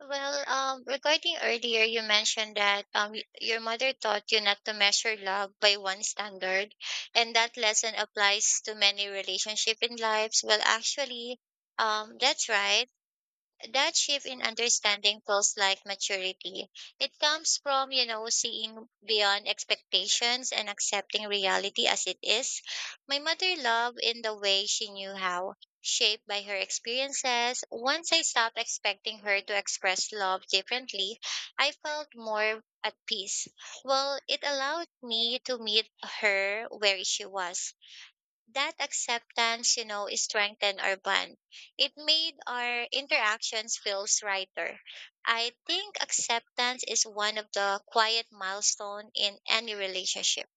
Regarding earlier, you mentioned that your mother taught you not to measure love by one standard, and that lesson applies to many relationship in lives. That's right. That shift in understanding feels like maturity. It comes from, you know, seeing beyond expectations and accepting reality as it is. My mother loved in the way she knew how, shaped by her experiences. Once I stopped expecting her to express love differently, I felt more at peace. Well, it allowed me to meet her where she was. That acceptance, you know, strengthened our bond. It made our interactions feels righter. I think acceptance is one of the quiet milestone in any relationship.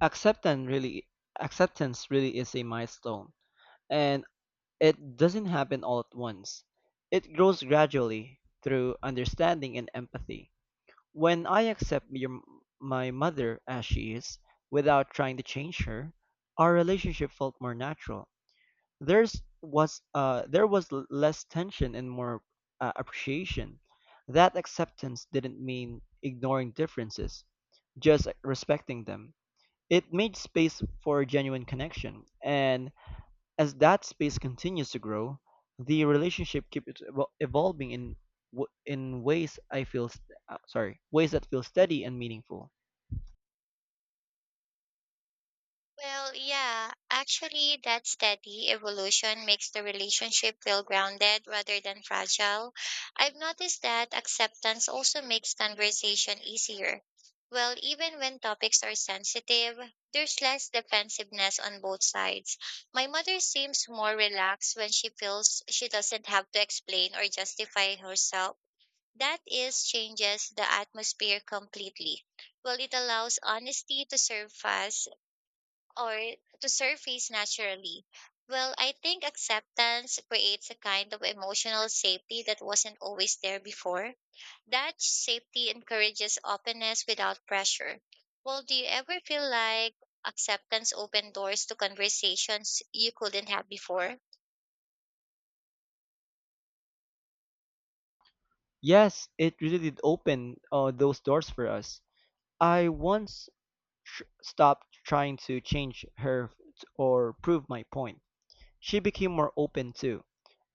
Acceptance really is a milestone and it doesn't happen all at once. It grows gradually through understanding and empathy. When I my mother as she is, without trying to change her, our relationship felt more natural. There was less tension and more appreciation. That acceptance didn't mean ignoring differences, just respecting them. It made space for a genuine connection, and as that space continues to grow, the relationship keeps evolving in ways I feel st- sorry, ways that feel steady and meaningful. Well, yeah, actually, that steady evolution makes the relationship feel grounded rather than fragile. I've noticed that acceptance also makes conversation easier. Well, even when topics are sensitive, there's less defensiveness on both sides. My mother seems more relaxed when she feels she doesn't have to explain or justify herself. That is changes the atmosphere completely. Well, it allows honesty to surface or to surface naturally. Well, I think acceptance creates a kind of emotional safety that wasn't always there before. That safety encourages openness without pressure. Well, do you ever feel like acceptance opened doors to conversations you couldn't have before? Yes, it really did open those doors for us. I once stopped trying to change her or prove my point. She became more open too.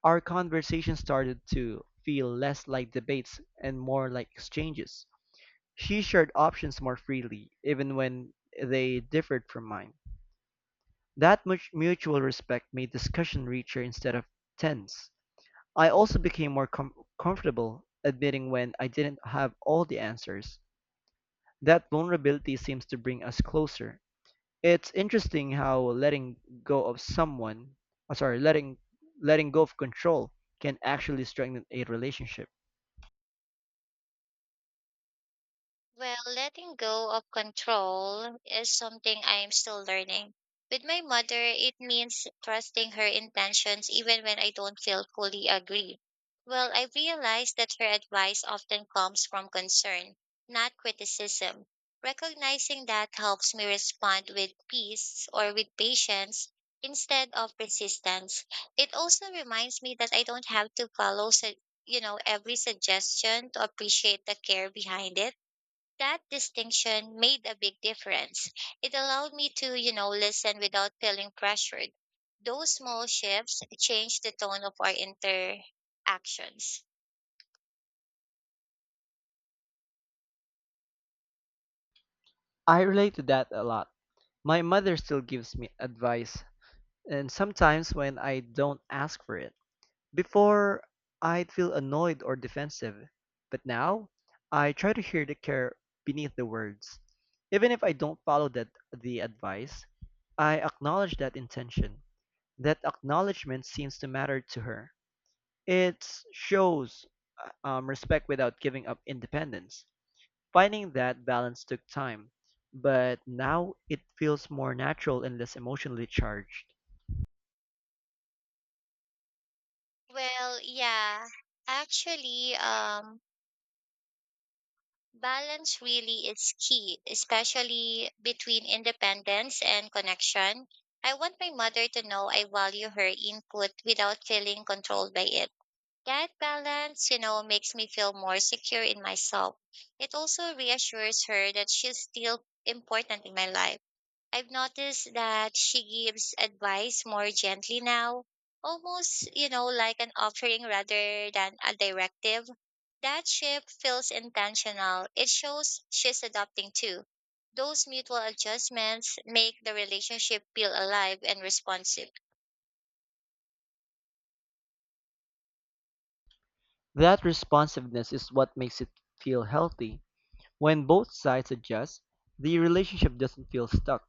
Our conversation started to feel less like debates and more like exchanges. She shared options more freely, even when they differed from mine. That much mutual respect made discussion richer instead of tense. I also became more comfortable admitting when I didn't have all the answers. That vulnerability seems to bring us closer. It's interesting how go of someone, uh, sorry, letting letting go of control can actually strengthen a relationship. Well, letting go of control is something I'm still learning. With my mother, it means trusting her intentions even when I don't feel fully agree. Well, I realize that her advice often comes from concern, not criticism. Recognizing that helps me respond with peace or with patience instead of resistance. It also reminds me that I don't have to you know, every suggestion to appreciate the care behind it. That distinction made a big difference. It allowed me to, you know, listen without feeling pressured. Those small shifts changed the tone of our interactions. I relate to that a lot. My mother still gives me advice and sometimes when I don't ask for it. Before, I'd feel annoyed or defensive, but now I try to hear the care beneath the words. Even if I don't follow that the advice, I acknowledge that intention. That acknowledgement seems to matter to her. It shows respect without giving up independence. Finding that balance took time, but now it feels more natural and less emotionally charged. Well, yeah, actually, um, Balance really is key, especially between independence and connection. I want my mother to know I value her input without feeling controlled by it. That balance, you know, makes me feel more secure in myself. It also reassures her that she's still important in my life. I've noticed that she gives advice more gently now, almost, you know, like an offering rather than a directive. That shift feels intentional. It shows she's adopting too. Those mutual adjustments make the relationship feel alive and responsive. That responsiveness is what makes it feel healthy. When both sides adjust, the relationship doesn't feel stuck.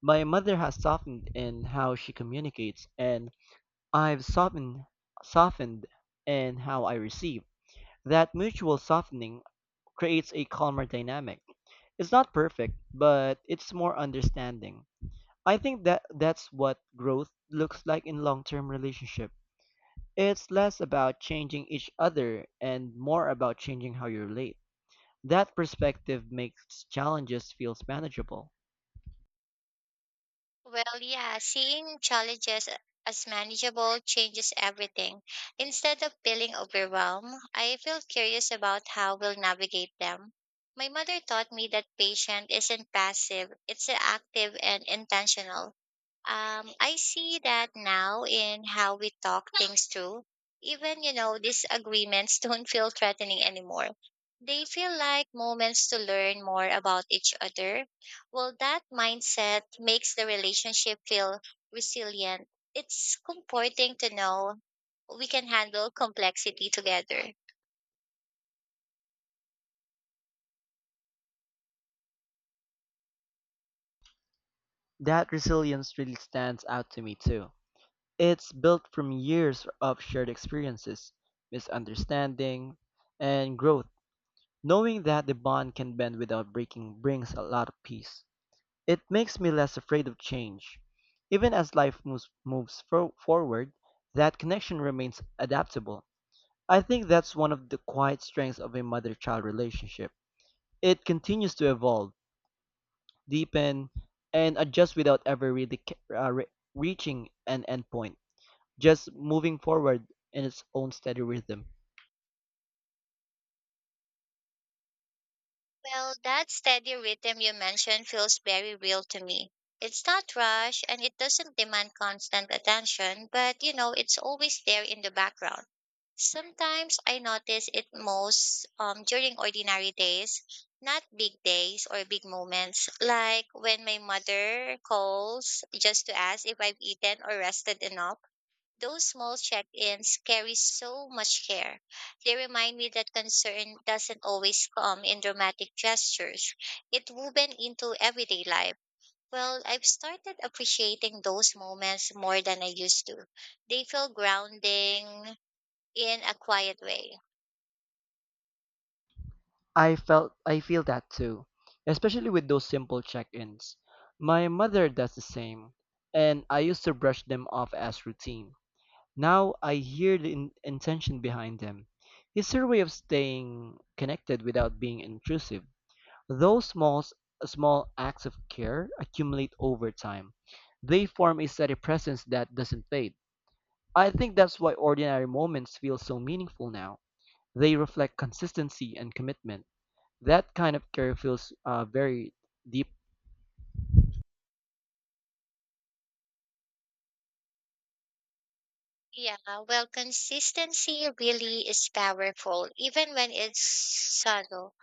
My mother has softened in how she communicates, and I've softened in how I receive. That mutual softening creates a calmer dynamic. It's not perfect, but it's more understanding. I think that's what growth looks like in long-term relationship. It's less about changing each other and more about changing how you relate. That perspective makes challenges feels manageable. Well, yeah, seeing challenges as manageable changes everything. Instead of feeling overwhelmed, I feel curious about how we'll navigate them. My mother taught me that patient isn't passive, it's active and intentional. I see that now in how we talk things through. Even, you know, disagreements don't feel threatening anymore. They feel like moments to learn more about each other. Well, that mindset makes the relationship feel resilient. It's comforting to know we can handle complexity together. That resilience really stands out to me too. It's built from years of shared experiences, misunderstanding, and growth. Knowing that the bond can bend without breaking brings a lot of peace. It makes me less afraid of change. Even as life moves forward, that connection remains adaptable. I think that's one of the quiet strengths of a mother-child relationship. It continues to evolve, deepen, and adjust without ever really reaching an endpoint, just moving forward in its own steady rhythm. Well, that steady rhythm you mentioned feels very real to me. It's not rush and it doesn't demand constant attention, but you know, it's always there in the background. Sometimes I notice it most during ordinary days, not big days or big moments, like when my mother calls just to ask if I've eaten or rested enough. Those small check ins carry so much care. They remind me that concern doesn't always come in dramatic gestures, it woven into everyday life. Well, I've started appreciating those moments more than I used to. They feel grounding in a quiet way. I feel that too, especially with those simple check-ins. My mother does the same, and I used to brush them off as routine. Now I hear the intention behind them. It's her way of staying connected without being intrusive. Those small acts of care accumulate over time. They form a steady presence that doesn't fade. I think that's why ordinary moments feel so meaningful now. They reflect consistency and commitment. That kind of care feels very deep. Yeah, well, consistency really is powerful, even when it's subtle.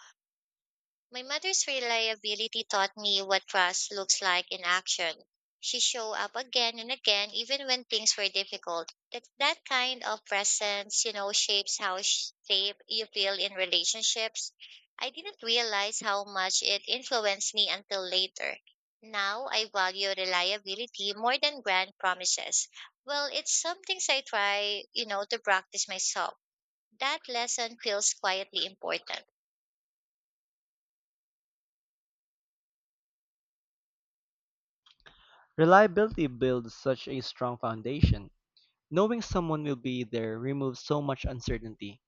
My mother's reliability taught me what trust looks like in action. She showed up again and again, even when things were difficult. That kind of presence, you know, shapes shape you feel in relationships. I didn't realize how much it influenced me until later. Now I value reliability more than grand promises. Well, it's something I try, you know, to practice myself. That lesson feels quietly important. Reliability builds such a strong foundation. Knowing someone will be there removes so much uncertainty.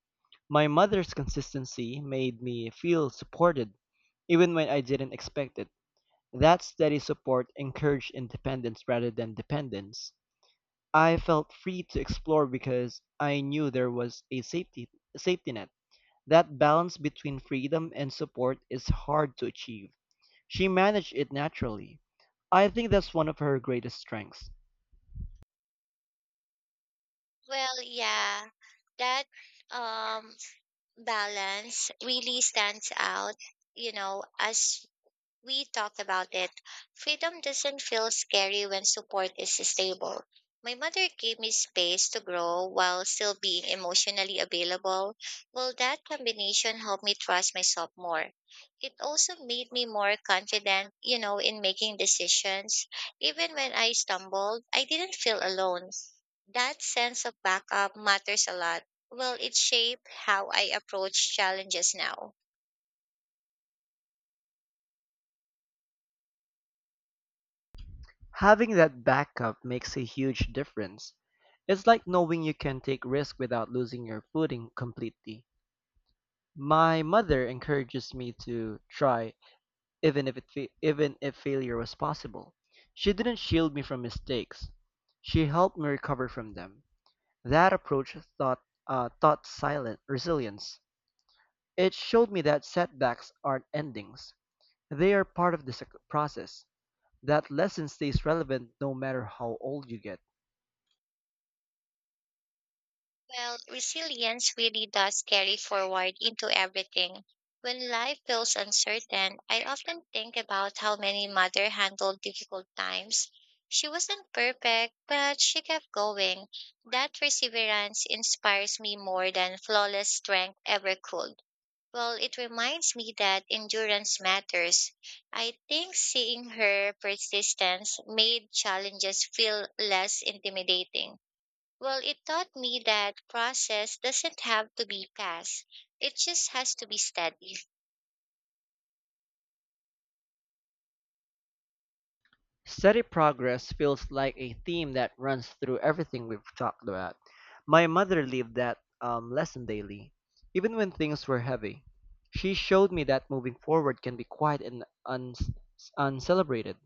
My mother's consistency made me feel supported, even when I didn't expect it. That steady support encouraged independence rather than dependence. I felt free to explore because I knew there was a safety net. That balance between freedom and support is hard to achieve. She managed it naturally. I think that's one of her greatest strengths. Well, yeah, that um balance really stands out. You know, as we talked about it, freedom doesn't feel scary when support is stable. My mother gave me space to grow while still being emotionally available. Well, that combination helped me trust myself more. It also made me more confident, you know, in making decisions. Even when I stumbled, I didn't feel alone. That sense of backup matters a lot. Well, it shaped how I approach challenges now. Having that backup makes a huge difference. It's like knowing you can take risks without losing your footing completely. My mother encourages me to try. Even if failure was possible, she didn't shield me from mistakes. She helped me recover from them. That approach taught silent resilience. It showed me that setbacks aren't endings; they are part of the process. That lesson stays relevant no matter how old you get. Well, resilience really does carry forward into everything. When life feels uncertain, I often think about how many mother handled difficult times. She wasn't perfect, but she kept going. That perseverance inspires me more than flawless strength ever could. Well, it reminds me that endurance matters. I think seeing her persistence made challenges feel less intimidating. Well, it taught me that process doesn't have to be fast. It just has to be steady. Steady progress feels like a theme that runs through everything we've talked about. My mother lived that lesson daily, even when things were heavy. She showed me that moving forward can be quiet and uncelebrated.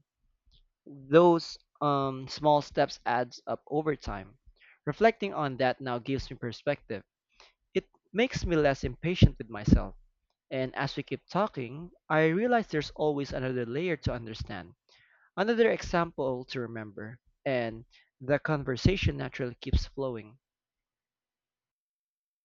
Those small steps adds up over time. Reflecting on that now gives me perspective. It makes me less impatient with myself. And as we keep talking, I realize there's always another layer to understand. Another example to remember, and the conversation naturally keeps flowing.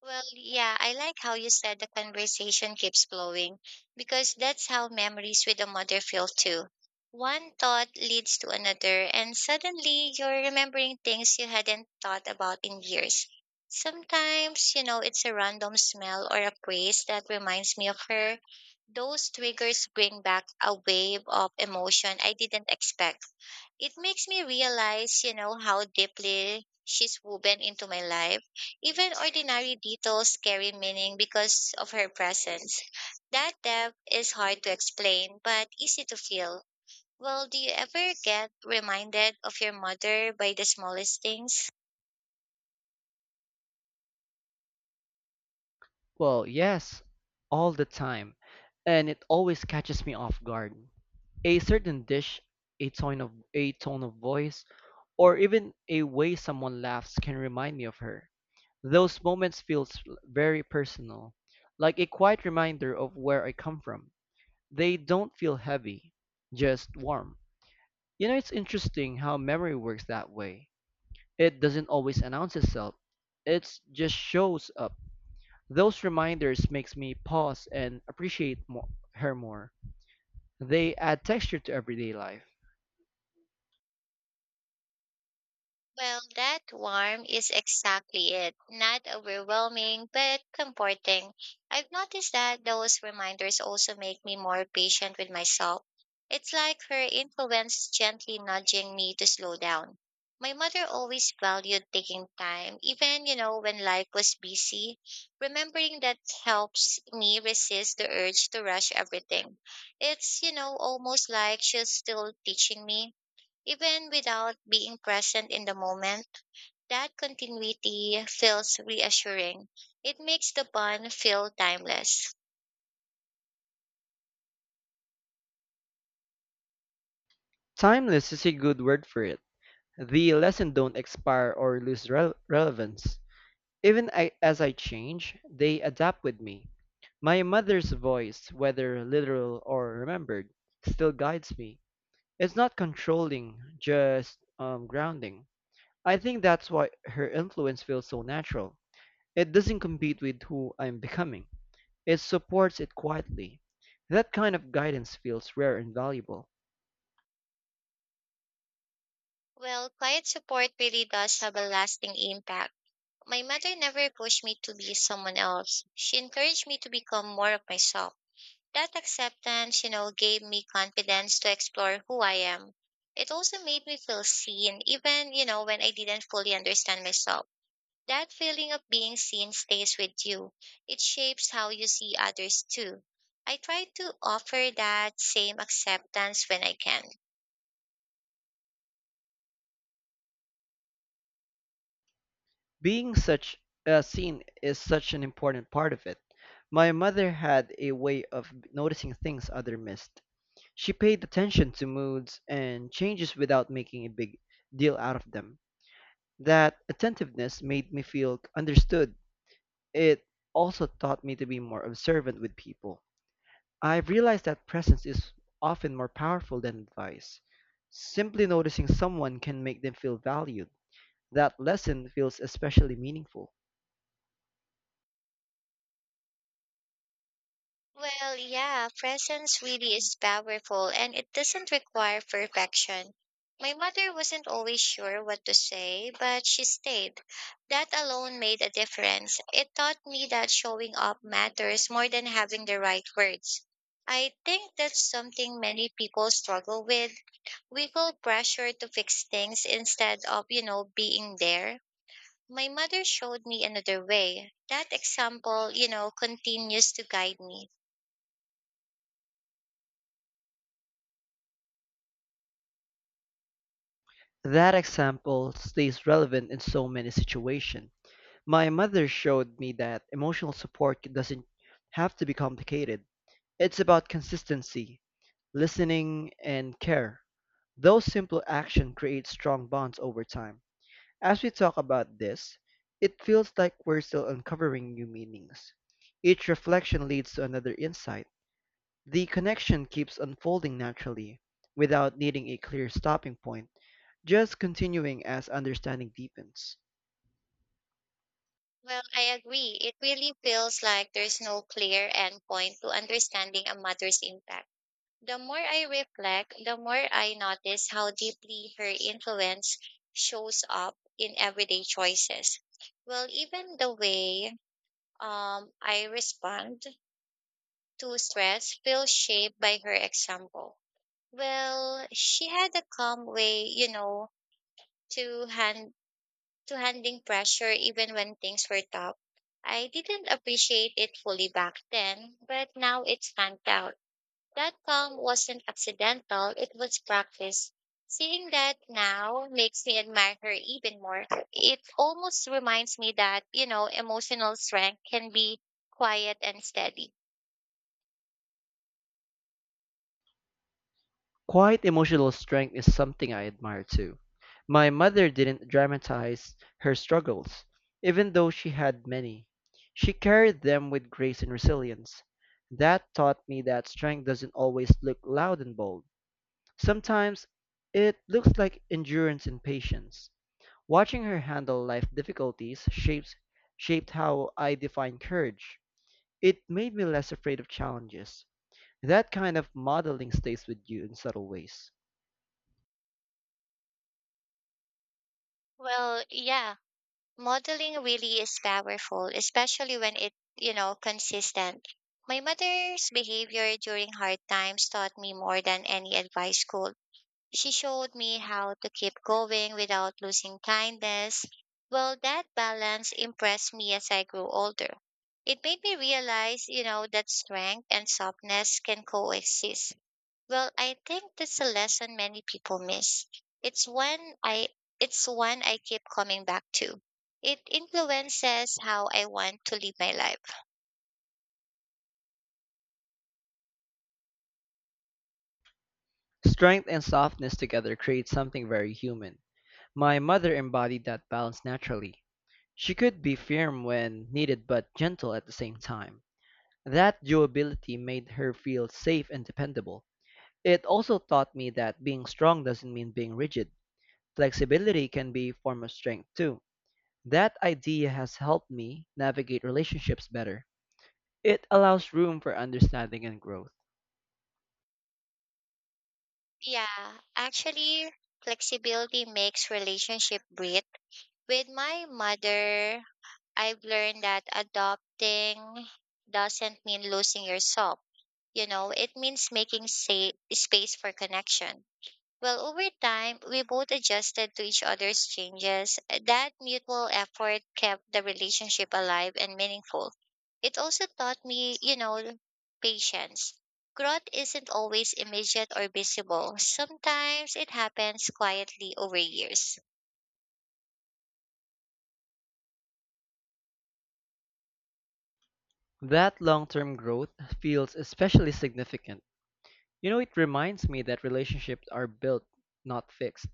Well, yeah, I like how you said the conversation keeps flowing because that's how memories with a mother feel too. One thought leads to another, and suddenly you're remembering things you hadn't thought about in years. Sometimes, you know, it's a random smell or a praise that reminds me of her. Those triggers bring back a wave of emotion I didn't expect. It makes me realize, you know, how deeply she's woven into my life. Even ordinary details carry meaning because of her presence. That depth is hard to explain, but easy to feel. Well, do you ever get reminded of your mother by the smallest things? Well, yes, all the time, and it always catches me off guard. A certain dish, a tone of voice, or even a way someone laughs can remind me of her. Those moments feel very personal, like a quiet reminder of where I come from. They don't feel heavy, just warm. You know, it's interesting how memory works that way. It doesn't always announce itself. It just shows up. Those reminders makes me pause and appreciate her more. They add texture to everyday life. Well, that warmth is exactly it. Not overwhelming, but comforting. I've noticed that those reminders also make me more patient with myself. It's like her influence gently nudging me to slow down. My mother always valued taking time, even, you know, when life was busy. Remembering that helps me resist the urge to rush everything. It's, you know, almost like she's still teaching me even without being present in the moment. That continuity feels reassuring. It makes the bond feel timeless. Timeless is a good word for it. The lessons don't expire or lose relevance. Even I, as I change, they adapt with me. My mother's voice, whether literal or remembered, still guides me. It's not controlling, just grounding. I think that's why her influence feels so natural. It doesn't compete with who I'm becoming. It supports it quietly. That kind of guidance feels rare and valuable. Well, quiet support really does have a lasting impact. My mother never pushed me to be someone else. She encouraged me to become more of myself. That acceptance, you know, gave me confidence to explore who I am. It also made me feel seen, even, you know, when I didn't fully understand myself. That feeling of being seen stays with you. It shapes how you see others too. I try to offer that same acceptance when I can. Being such seen is such an important part of it. My mother had a way of noticing things other missed. She paid attention to moods and changes without making a big deal out of them. That attentiveness made me feel understood. It also taught me to be more observant with people. I've realized that presence is often more powerful than advice. Simply noticing someone can make them feel valued. That lesson feels especially meaningful. Well, yeah, presence really is powerful and it doesn't require perfection. My mother wasn't always sure what to say, but she stayed. That alone made a difference. It taught me that showing up matters more than having the right words. I think that's something many people struggle with. We feel pressure to fix things instead of, you know, being there. My mother showed me another way. That example, you know, continues to guide me. That example stays relevant in so many situations. My mother showed me that emotional support doesn't have to be complicated. It's about consistency, listening, and care. Those simple actions create strong bonds over time. As we talk about this, it feels like we're still uncovering new meanings. Each reflection leads to another insight. The connection keeps unfolding naturally, without needing a clear stopping point, just continuing as understanding deepens. Well, I agree. It really feels like there's no clear endpoint to understanding a mother's impact. The more I reflect, the more I notice how deeply her influence shows up in everyday choices. Well, even the way I respond to stress feel shaped by her example. Well, she had a calm way, you know, to hand to handling pressure even when things were tough. I didn't appreciate it fully back then, but now it stands out. That calm wasn't accidental, it was practice. Seeing that now makes me admire her even more. It almost reminds me that, you know, emotional strength can be quiet and steady. Quiet emotional strength is something I admire too. My mother didn't dramatize her struggles, even though she had many. She carried them with grace and resilience. That taught me that strength doesn't always look loud and bold. Sometimes it looks like endurance and patience. Watching her handle life difficulties shapes shaped how I define courage. It made me less afraid of challenges. That kind of modeling stays with you in subtle ways. Well, yeah, modeling really is powerful, especially when it, you know, consistent. My mother's behavior during hard times taught me more than any advice could. She showed me how to keep going without losing kindness. Well, that balance impressed me as I grew older. It made me realize, you know, that strength and softness can coexist. Well, I think that's a lesson many people miss. It's one I it's one I keep coming back to. It influences how I want to live my life. Strength and softness together create something very human. My mother embodied that balance naturally. She could be firm when needed but gentle at the same time. That durability made her feel safe and dependable. It also taught me that being strong doesn't mean being rigid. Flexibility can be a form of strength too. That idea has helped me navigate relationships better. It allows room for understanding and growth. Yeah, actually flexibility makes relationship breathe. With my mother, I've learned that adopting doesn't mean losing yourself. You know, it means making space for connection. Well, over time, we both adjusted to each other's changes. That mutual effort kept the relationship alive and meaningful. It also taught me, you know, patience. Growth isn't always immediate or visible. Sometimes it happens quietly over years. That long term growth feels especially significant. You know, it reminds me that relationships are built, not fixed.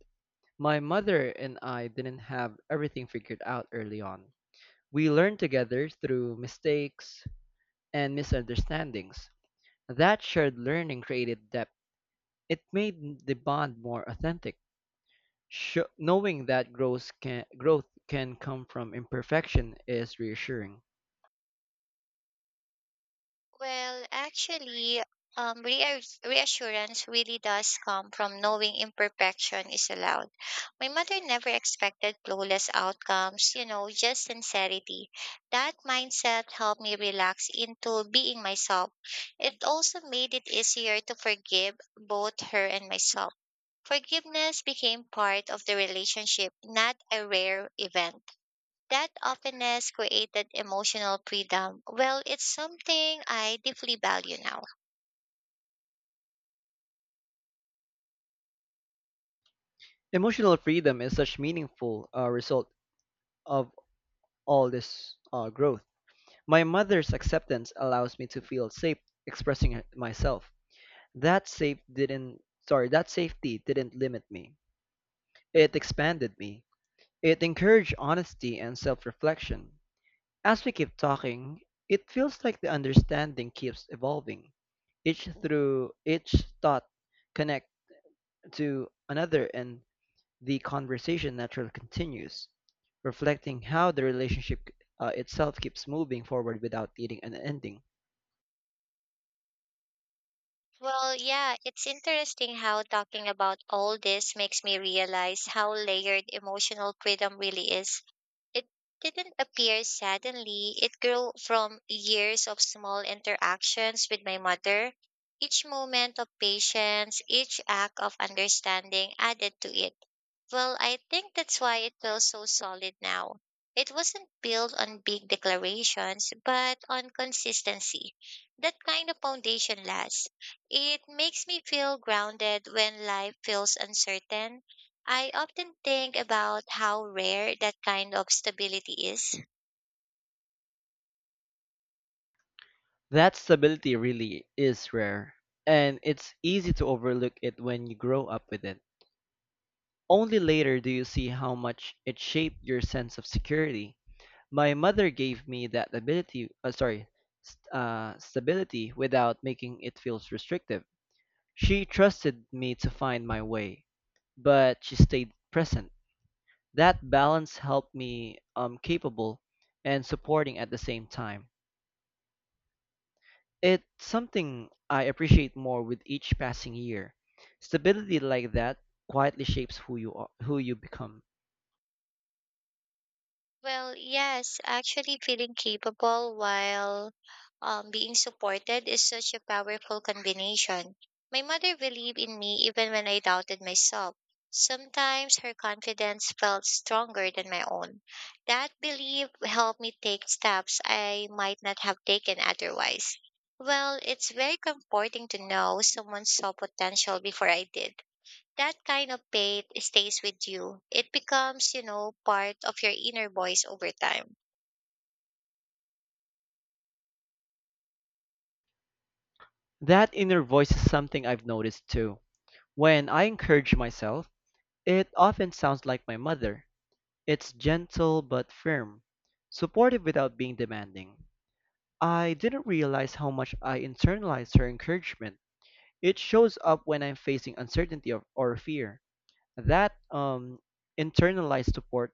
My mother and I didn't have everything figured out early on. We learned together through mistakes and misunderstandings. That shared learning created depth. It made the bond more authentic. Knowing that growth can come from imperfection is reassuring. Well, actually, Reassurance really does come from knowing imperfection is allowed. My mother never expected flawless outcomes, you know, just sincerity. That mindset helped me relax into being myself. It also made it easier to forgive both her and myself. Forgiveness became part of the relationship, not a rare event. That openness created emotional freedom. Well, it's something I deeply value now. Emotional freedom is such meaningful result of all this growth. My mother's acceptance allows me to feel safe expressing it myself. That safe didn't that safety didn't limit me. It expanded me. It encouraged honesty and self-reflection. As we keep talking, it feels like the understanding keeps evolving. Each thought connect to another, and the conversation naturally continues, reflecting how the relationship itself keeps moving forward without needing an ending. Well, yeah, it's interesting how talking about all this makes me realize how layered emotional freedom really is. It didn't appear suddenly, it grew from years of small interactions with my mother. Each moment of patience, each act of understanding added to it. Well, I think that's why it feels so solid now. It wasn't built on big declarations, but on consistency. That kind of foundation lasts. It makes me feel grounded when life feels uncertain. I often think about how rare that kind of stability is. That stability really is rare, and it's easy to overlook it when you grow up with it. Only later do you see how much it shaped your sense of security. My mother gave me that stability without making it feel restrictive. She trusted me to find my way, but she stayed present. That balance helped me capable and supporting at the same time. It's something I appreciate more with each passing year. Stability like that quietly shapes who you are, who you become. Well, yes, actually Feeling capable while being supported is such a powerful combination. My mother believed in me even when I doubted myself. Sometimes her confidence felt stronger than my own. That belief helped me take steps I might not have taken otherwise. Well, it's very comforting to know someone saw potential before I did. That kind of faith stays with you. It becomes, you know, part of your inner voice over time. That inner voice is something I've noticed too. When I encourage myself, it often sounds like my mother. It's gentle but firm, supportive without being demanding. I didn't realize how much I internalized her encouragement. It shows up when I'm facing uncertainty or fear. That internalized support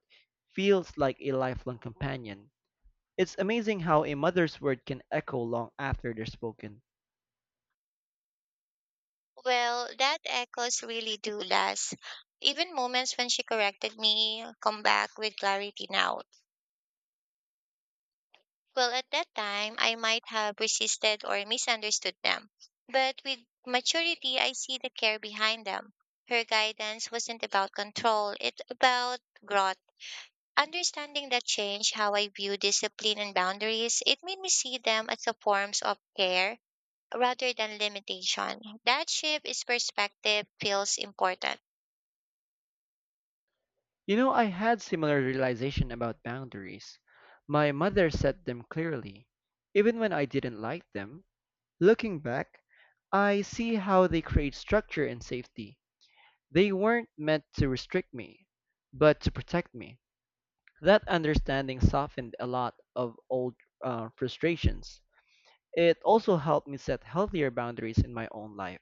feels like a lifelong companion. It's amazing how a mother's word can echo long after they're spoken. Well, that echoes really do last. Even moments when she corrected me come back with clarity now. Well, at that time, I might have resisted or misunderstood them. But with maturity, I see the care behind them. Her guidance wasn't about control, it's about growth. Understanding that changed how I view discipline and boundaries. It made me see them as a forms of care rather than limitation. That shift is perspective feels important. You know, I had similar realization about boundaries. My mother set them clearly, even when I didn't like them. Looking back, I see how they create structure and safety. They weren't meant to restrict me, but to protect me. That understanding softened a lot of old frustrations. It also helped me set healthier boundaries in my own life.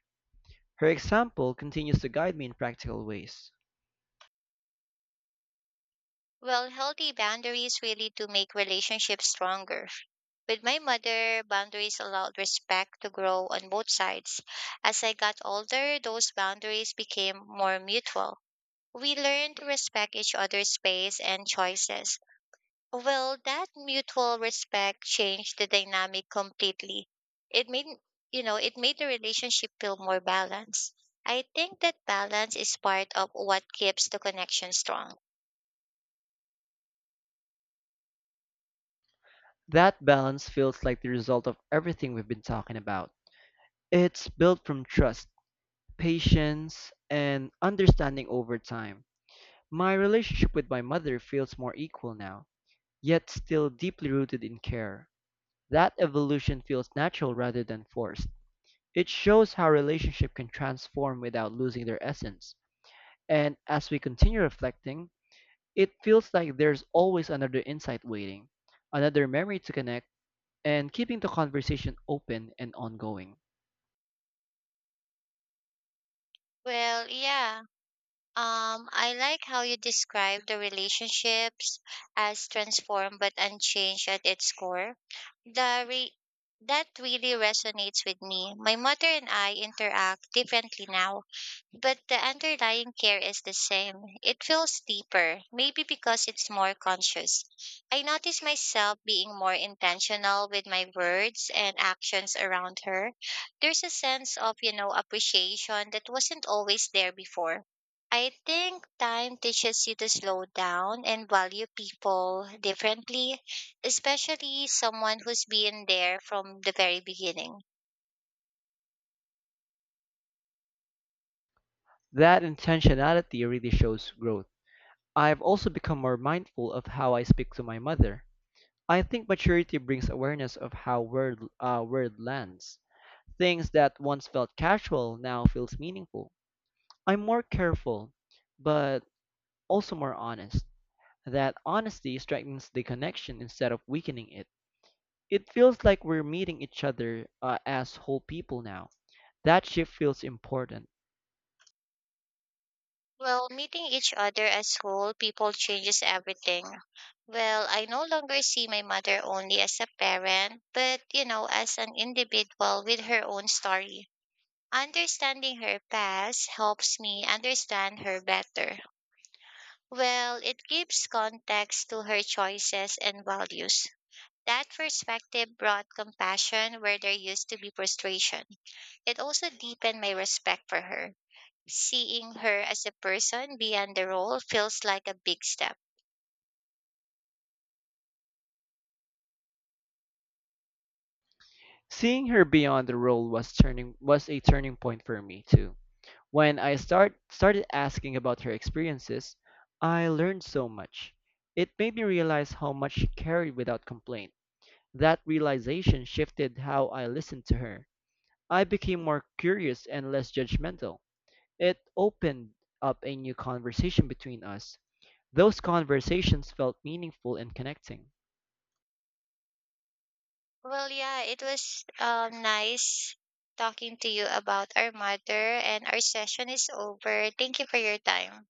Her example continues to guide me in practical ways. Well, healthy boundaries really do make relationships stronger. With my mother, boundaries allowed respect to grow on both sides. As I got older, those boundaries became more mutual. We learned to respect each other's space and choices. Well, that mutual respect changed the dynamic completely. It made, you know, it made the relationship feel more balanced. I think that balance is part of what keeps the connection strong. That balance feels like the result of everything we've been talking about. It's built from trust, patience, and understanding over time. My relationship with my mother feels more equal now, yet still deeply rooted in care. That evolution feels natural rather than forced. It shows how relationship can transform without losing their essence. And as we continue reflecting, it feels like there's always another insight waiting, another memory to connect, and keeping the conversation open and ongoing. Well, yeah. I like how you describe the relationships as transformed but unchanged at its core. The re- that really resonates with me. My mother and I interact differently now. But the underlying care is the same. It feels deeper, maybe because it's more conscious. I notice myself being more intentional with my words and actions around her. There's a sense of, you know, appreciation that wasn't always there before. I think time teaches you to slow down and value people differently, especially someone who's been there from the very beginning. That intentionality really shows growth. I've also become more mindful of how I speak to my mother. I think maturity brings awareness of how word lands. Things that once felt casual now feels meaningful. I'm more careful, but also more honest. That honesty strengthens the connection instead of weakening it. It feels like we're meeting each other as whole people now. That shift feels important. Well, meeting each other as whole people changes everything. Well, I no longer see my mother only as a parent, but you know, as an individual with her own story. Understanding her past helps me understand her better. Well, it gives context to her choices and values. That perspective brought compassion where there used to be frustration. It also deepened my respect for her. Seeing her as a person beyond the role feels like a big step. Seeing her beyond the role was a turning point for me too. When I started asking about her experiences, I learned so much. It made me realize how much she carried without complaint. That realization shifted how I listened to her. I became more curious and less judgmental. It opened up a new conversation between us. Those conversations felt meaningful and connecting. Well, yeah, it was nice talking to you about our mother, and our session is over. Thank you for your time.